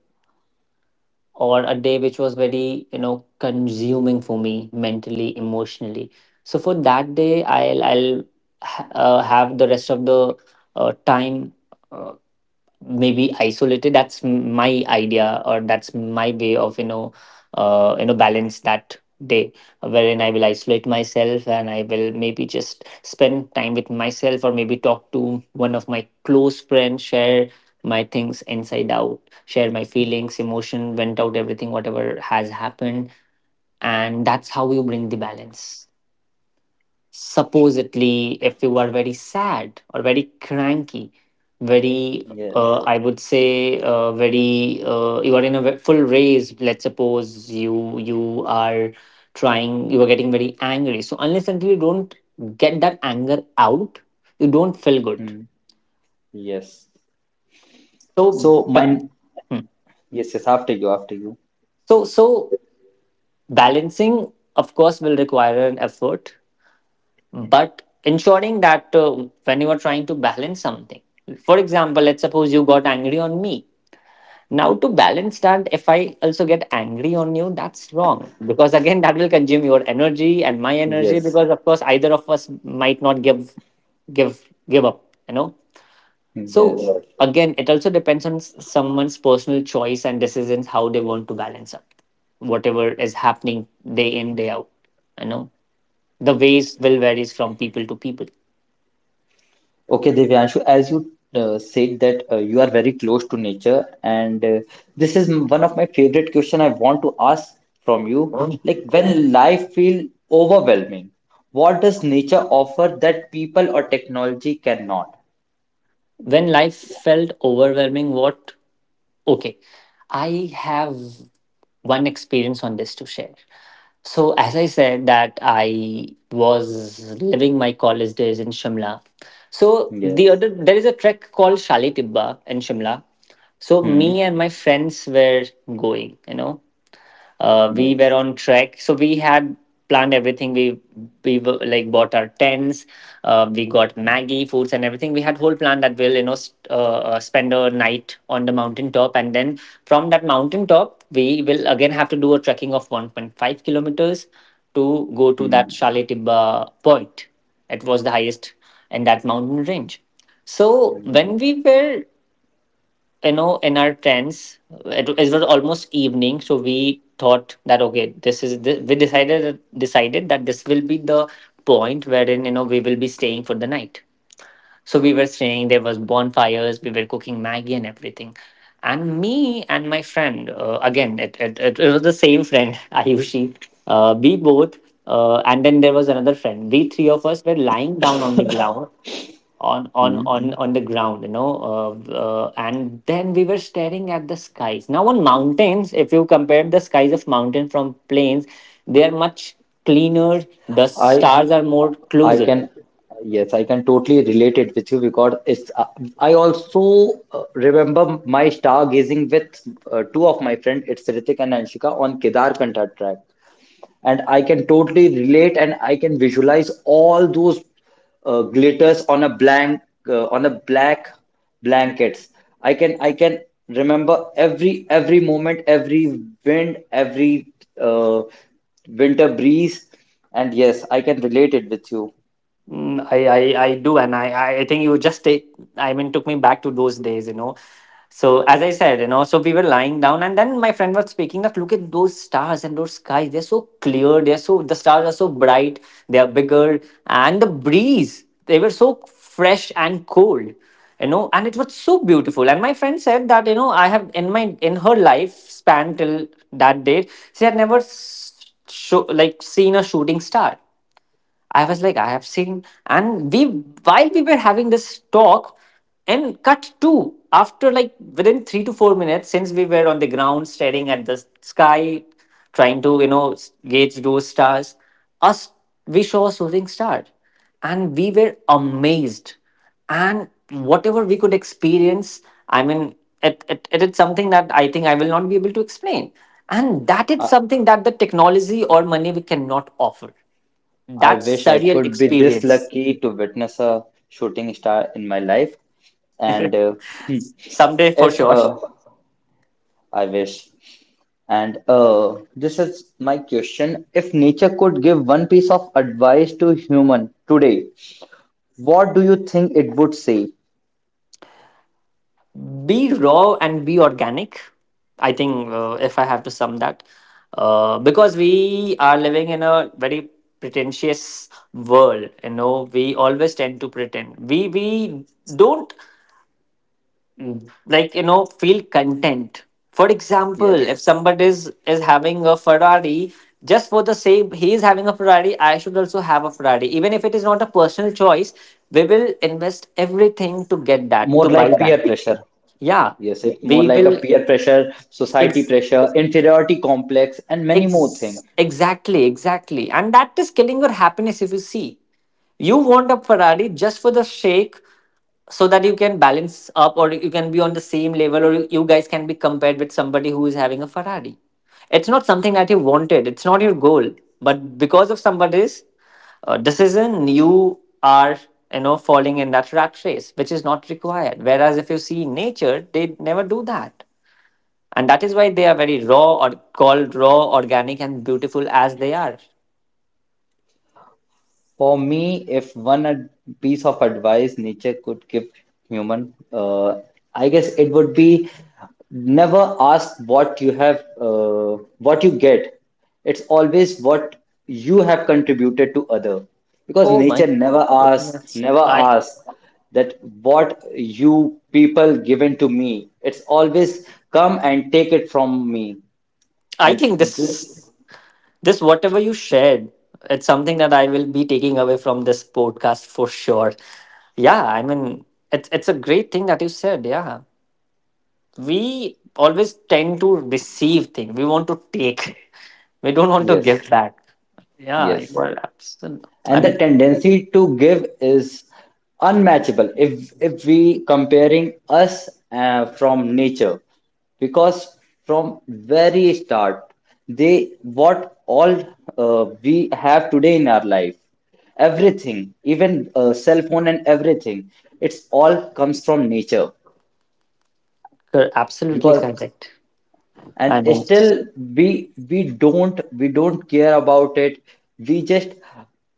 or a day which was very consuming for me, mentally, emotionally. So for that day, have the rest of the time. uh, Maybe isolated, that's my idea, or that's my way of balance that day, wherein I will isolate myself and I will maybe just spend time with myself or maybe talk to one of my close friends, share my things inside out, share my feelings, emotion went out, everything whatever has happened. And that's how you bring the balance. Supposedly if you are very sad or very cranky, very, Yes. I would say very, you are in a full rage. Let's suppose you are trying, you are getting very angry, so unless until you don't get that anger out, you don't feel good. Hmm. Yes. so So ba- mine, hmm. yes, yes, after you, after you. So balancing of course will require an effort, but ensuring that when you are trying to balance something, for example, let's suppose you got angry on me. Now to balance that, if I also get angry on you, that's wrong, because again that will consume your energy and my energy, Yes. because of course either of us might not give up, you know. Yes. So Yes. again, it also depends on someone's personal choice and decisions, how they want to balance up whatever is happening day in day out, you know. The ways will varies from people to people. Okay, Divyanshu, as you said that you are very close to nature, and this is one of my favorite question I want to ask from you. Like when life feel overwhelming, what does nature offer that people or technology cannot? When life felt overwhelming, what? Okay, I have one experience on this to share. So as I said, that I was living my college days in Shimla. So the Yes. other, there is a trek called Shali Tibba in Shimla. So me Hmm. and my friends were going, you know, we were Yes. on trek, so we had planned everything. We were, like, bought our tents. We got Maggie foods and everything. We had whole plan that we'll, you know, spend a night on the mountain top, and then from that mountain top we will again have to do a trekking of 1.5 kilometers to go to that Hmm. Shale Tibba point. It was the highest in that mountain range. So when we were, you know, in our tents, it was almost evening, so we thought that okay, this is the, we decided that this will be the point wherein, you know, we will be staying for the night. So we were staying, there was bonfires, we were cooking Maggie and everything, and me and my friend, again, it was the same friend [LAUGHS] Ayushi. We both, and then there was another friend, we three of us were lying down on the ground, on the ground, you know, and then we were staring at the skies. Now on mountains, if you compare the skies of mountain from plains, they are much cleaner, the I stars are more I closer. can, yes, I can totally relate it with you, because it's I also remember my stargazing with two of my friends. It's Ritik and Anshika on Kedarkantha track, and I can totally relate and I can visualize all those glitters on a blank on a black blankets. I can remember every moment, every wind, every uh, winter breeze, and yes, I can relate it with you. Mm, I do, and I I think you just take, I mean, took me back to those days, you know. So as I said, you know, so we were lying down, and then my friend was speaking that look at those stars and those skies. They're so clear. They're so, the stars are so bright. They are bigger, and the breeze, they were so fresh and cold, you know, and it was so beautiful. And my friend said that, you know, I have, in my, in her life span till that date, she had never s- show, like seen a shooting star. I was like, I have seen. And we, while we were having this talk, and cut to after like within 3 to 4 minutes, since we were on the ground staring at the sky, trying to, you know, gauge those stars, us we saw a shooting star, and we were amazed, and whatever we could experience, I mean, it is something that I think I will not be able to explain, and that is I, something that the technology or money we cannot offer, I that wish I surreal could be this experience. lucky to witness a shooting star in my life, and Someday [LAUGHS] for if sure. I wish. And this is my question. If nature could give one piece of advice to human today, what do you think it would say? Be raw and be organic. I think if I have to sum that, because we are living in a very pretentious world. You know, we always tend to pretend. We don't, like, you know, feel content. For example, if Yes, somebody is having a Ferrari, just for the same he is having a Ferrari, I should also have a Ferrari, even if it is not a personal choice. We will invest everything to get that, more to buy like peer that. pressure. Yeah. Yes, it's we more like a will peer pressure, society ex- pressure, inferiority complex, and many more things. Ex- Exactly, exactly. And that is killing your happiness if you see. You want a Ferrari just for the shake, so that you can balance up, or you can be on the same level, or you guys can be compared with somebody who is having a Ferrari. It's not something that you wanted, it's not your goal. But because of somebody's decision, you are, you know, falling in that rat race, which is not required. Whereas if you see nature, they never do that. And that is why they are very raw, or called raw, organic, and beautiful as they are. For me, if piece of advice nature could give human, I guess it would be: never ask what you have, what you get. It's always what you have contributed to other, because Oh my nature never asks, goodness. never I asks that what you people given to me. It's always come and take it from me, I and think this, this whatever you shared, it's something that I will be taking away from this podcast for sure. Yeah, I mean, it's a great thing that you said. Yeah. We always tend to receive things. We want to take. [LAUGHS] We don't want to yes, give back. Yeah, you yes. are absolutely, I And the mean, tendency to give is unmatchable, if we comparing us from nature, because from very start, they what all we have today in our life, everything, even cell phone and everything, it's all comes from nature. you're absolutely Because correct. and I mean still we don't, we don't care about it. We just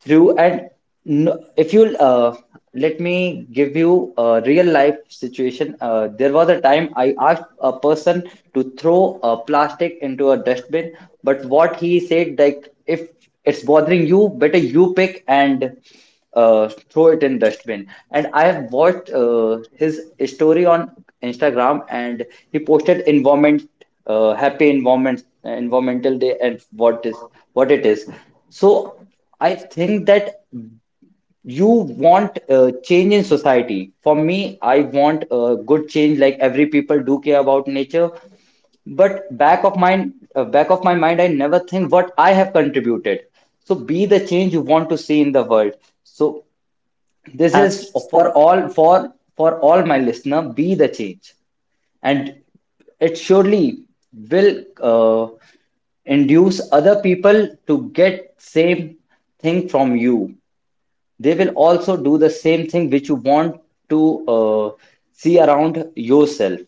through, and no, if you let me give you a real life situation. Uh, there was a time I asked a person to throw a plastic into a dustbin, but what he said, like, if it's bothering you, better you pick and throw it in dustbin. And I have watched his story on Instagram, and he posted environment, happy environment environmental day and what is what it is. So I think that you want change in society. For me, I want a good change, like every people do care about nature, but back of mind, back of my mind, I never think what I have contributed. So be the change you want to see in the world. So this is Abs- for all, for all my listener: be the change, and it surely will induce other people to get same thing from you. They will also do the same thing which you want to see around yourself.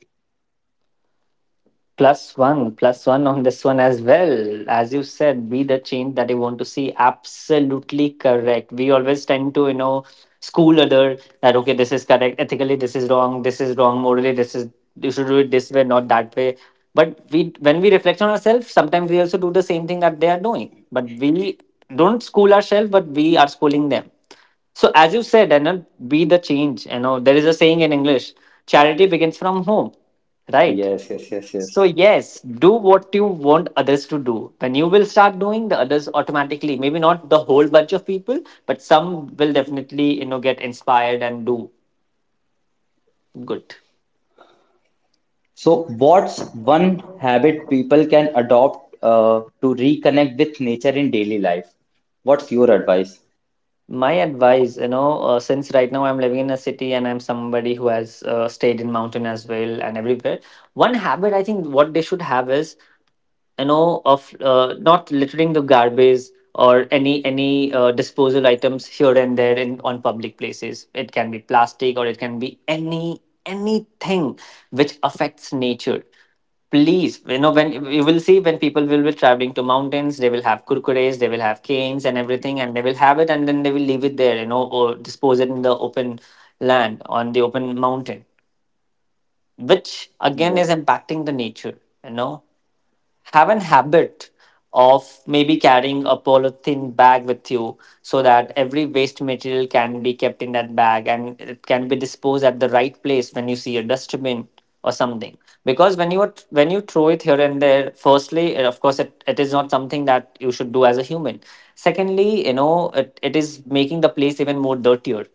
Plus one on this one as well. As you said, be the change that you want to see. Absolutely correct. We always tend to, you know, school other that okay, this is correct, ethically this is wrong, morally this is you should do it this way, not that way. But we, when we reflect on ourselves, sometimes we also do the same thing that they are doing. But we don't school ourselves, but we are schooling them. So as you said, and be the change. You know, there is a saying in English: charity begins from home, right? Yes, yes, yes, yes. So, yes, do what you want others to do. When you will start doing, the others automatically, maybe not the whole bunch of people, but some will definitely, you know, get inspired and do good. So what's one habit people can adopt to reconnect with nature in daily life? What's your advice? My advice, you know, since right now I'm living in a city and I'm somebody who has stayed in mountain as well and everywhere, one habit I think what they should have is, you know, of not littering the garbage, or any disposal items here and there in on public places. It can be plastic or it can be anything which affects nature. Please, you know, when you will see, when people will be traveling to mountains, they will have kurkures, they will have canes and everything, and they will have it and then they will leave it there, you know, or dispose it in the open land, on the open mountain, which again Yes, is impacting the nature. You know, have an habit of maybe carrying a polythene bag with you, so that every waste material can be kept in that bag and it can be disposed at the right place when you see a dustbin or something. Because when you throw it here and there, firstly of course it is not something that you should do as a human. Secondly, you know, it is making the place even more dirtier.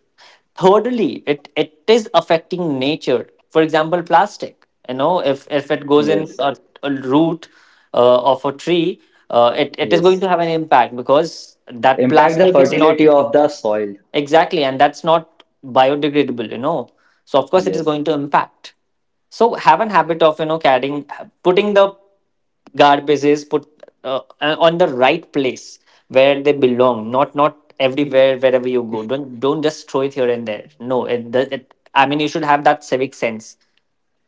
Thirdly, it is affecting nature. For example, plastic, you know, if it goes in yes, a root of a tree, it is going yes. to have an impact because that Impact the plastic is not. fertility of the soil. Exactly, and that's not biodegradable, you know. So of course it is Yes. going to impact. So have an habit of, you know, carrying, putting the garbages put on the right place where they belong. Not everywhere wherever you go. Don't just throw it here and there. No, it I mean you should have that civic sense.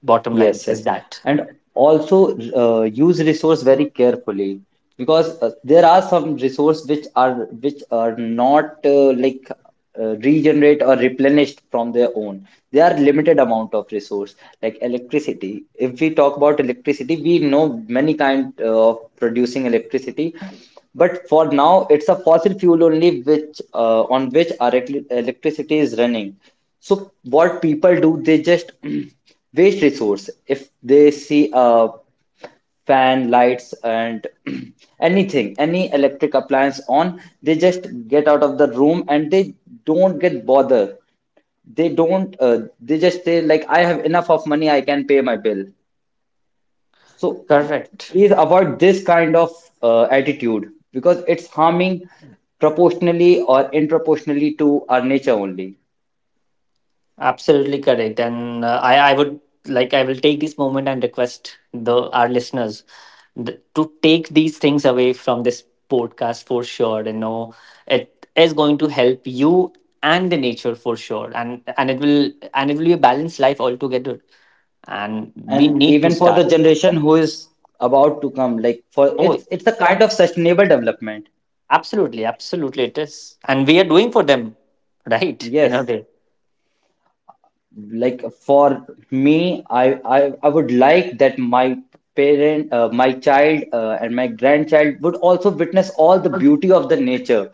Bottom line Yes, is yes. that And also use resource very carefully, because there are some resource which are not like regenerate or replenished from their own. They are limited amount of resource, like electricity. If we talk about electricity, we know many kind of producing electricity, but for now it's a fossil fuel only which on which our electricity is running. So what people do, they just [CLEARS THROAT] waste resource. If they see a fan, lights, and [CLEARS THROAT] anything, any electric appliance on, they just get out of the room and they don't get bothered. They don't. They just say, like, I have enough of money. I can pay my bill. So correct. please avoid this kind of attitude, because it's harming proportionally or in proportionally to our nature only. Absolutely correct. And I would like, I will take this moment and request the our listeners to take these things away from this podcast for sure. You know, it is going to help you and the nature for sure. And it will, and it will be a balanced life altogether. And we And need to even for the start. generation who is about to come, like, for Oh, it's a kind of sustainable development. absolutely. Absolutely. It is. And we are doing for them, [LAUGHS] right? In a Yes, way. like for me, I would like that my parent, my child, and my grandchild would also witness all the beauty of the nature.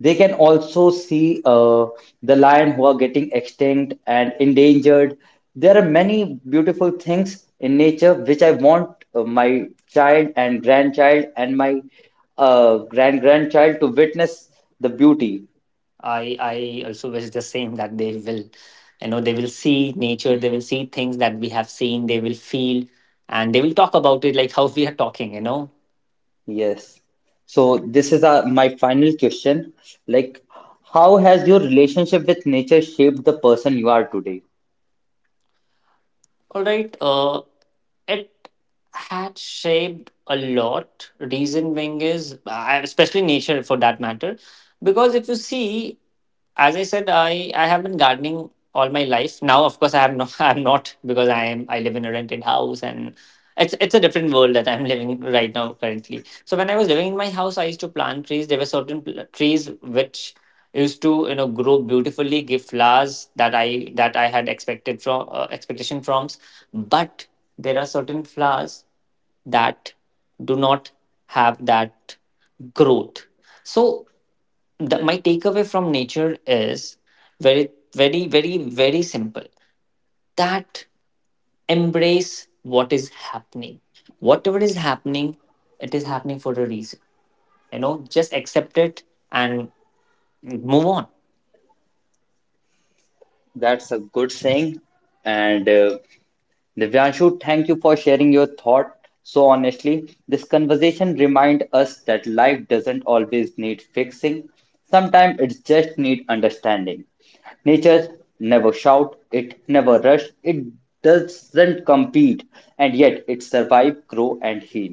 They can also see the lion who are getting extinct and endangered. There are many beautiful things in nature which I want my child and grandchild and my grand grandchild to witness the beauty. I also was just saying that they will, you know, they will see nature, they will see things that we have seen, they will feel, and they will talk about it like how we are talking, you know. Yes. So this is my final question. Like, how has your relationship with nature shaped the person you are today? All right. It had shaped a lot. Reason being is, especially nature for that matter, because if you see, as I said, I have been gardening all my life. Now, of course, I have no, [LAUGHS] I'm not, because I live in a rented house, and it's a different world that I'm [LAUGHS] living right now currently. So when I was living in my house, I used to plant trees. There were certain trees which used to, you know, grow beautifully, give flowers that I had expected from, expectation from. But there are certain flowers that do not have that growth. So the, my takeaway from nature is very very very simple, that embrace what is happening, whatever is happening, it is happening for a reason. You know, just accept it and move on. That's a good saying, and. Divyanshu, thank you for sharing your thought so honestly. This conversation reminds us that life doesn't always need fixing. Sometimes it just needs understanding. Nature never shout, it never rush, it doesn't compete, and yet it survive, grow, and heal.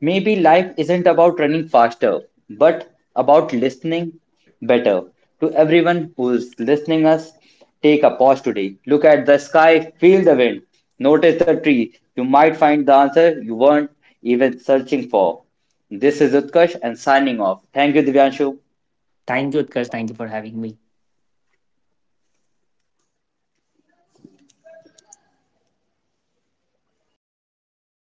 Maybe life isn't about running faster, but about listening better. To everyone who's listening us, take a pause today. Look at the sky, feel the wind, notice the tree. You might find the answer you weren't even searching for. This is Utkarsh and signing off. Thank you, Divyanshu. Thank you, Utkarsh. Thank you for having me.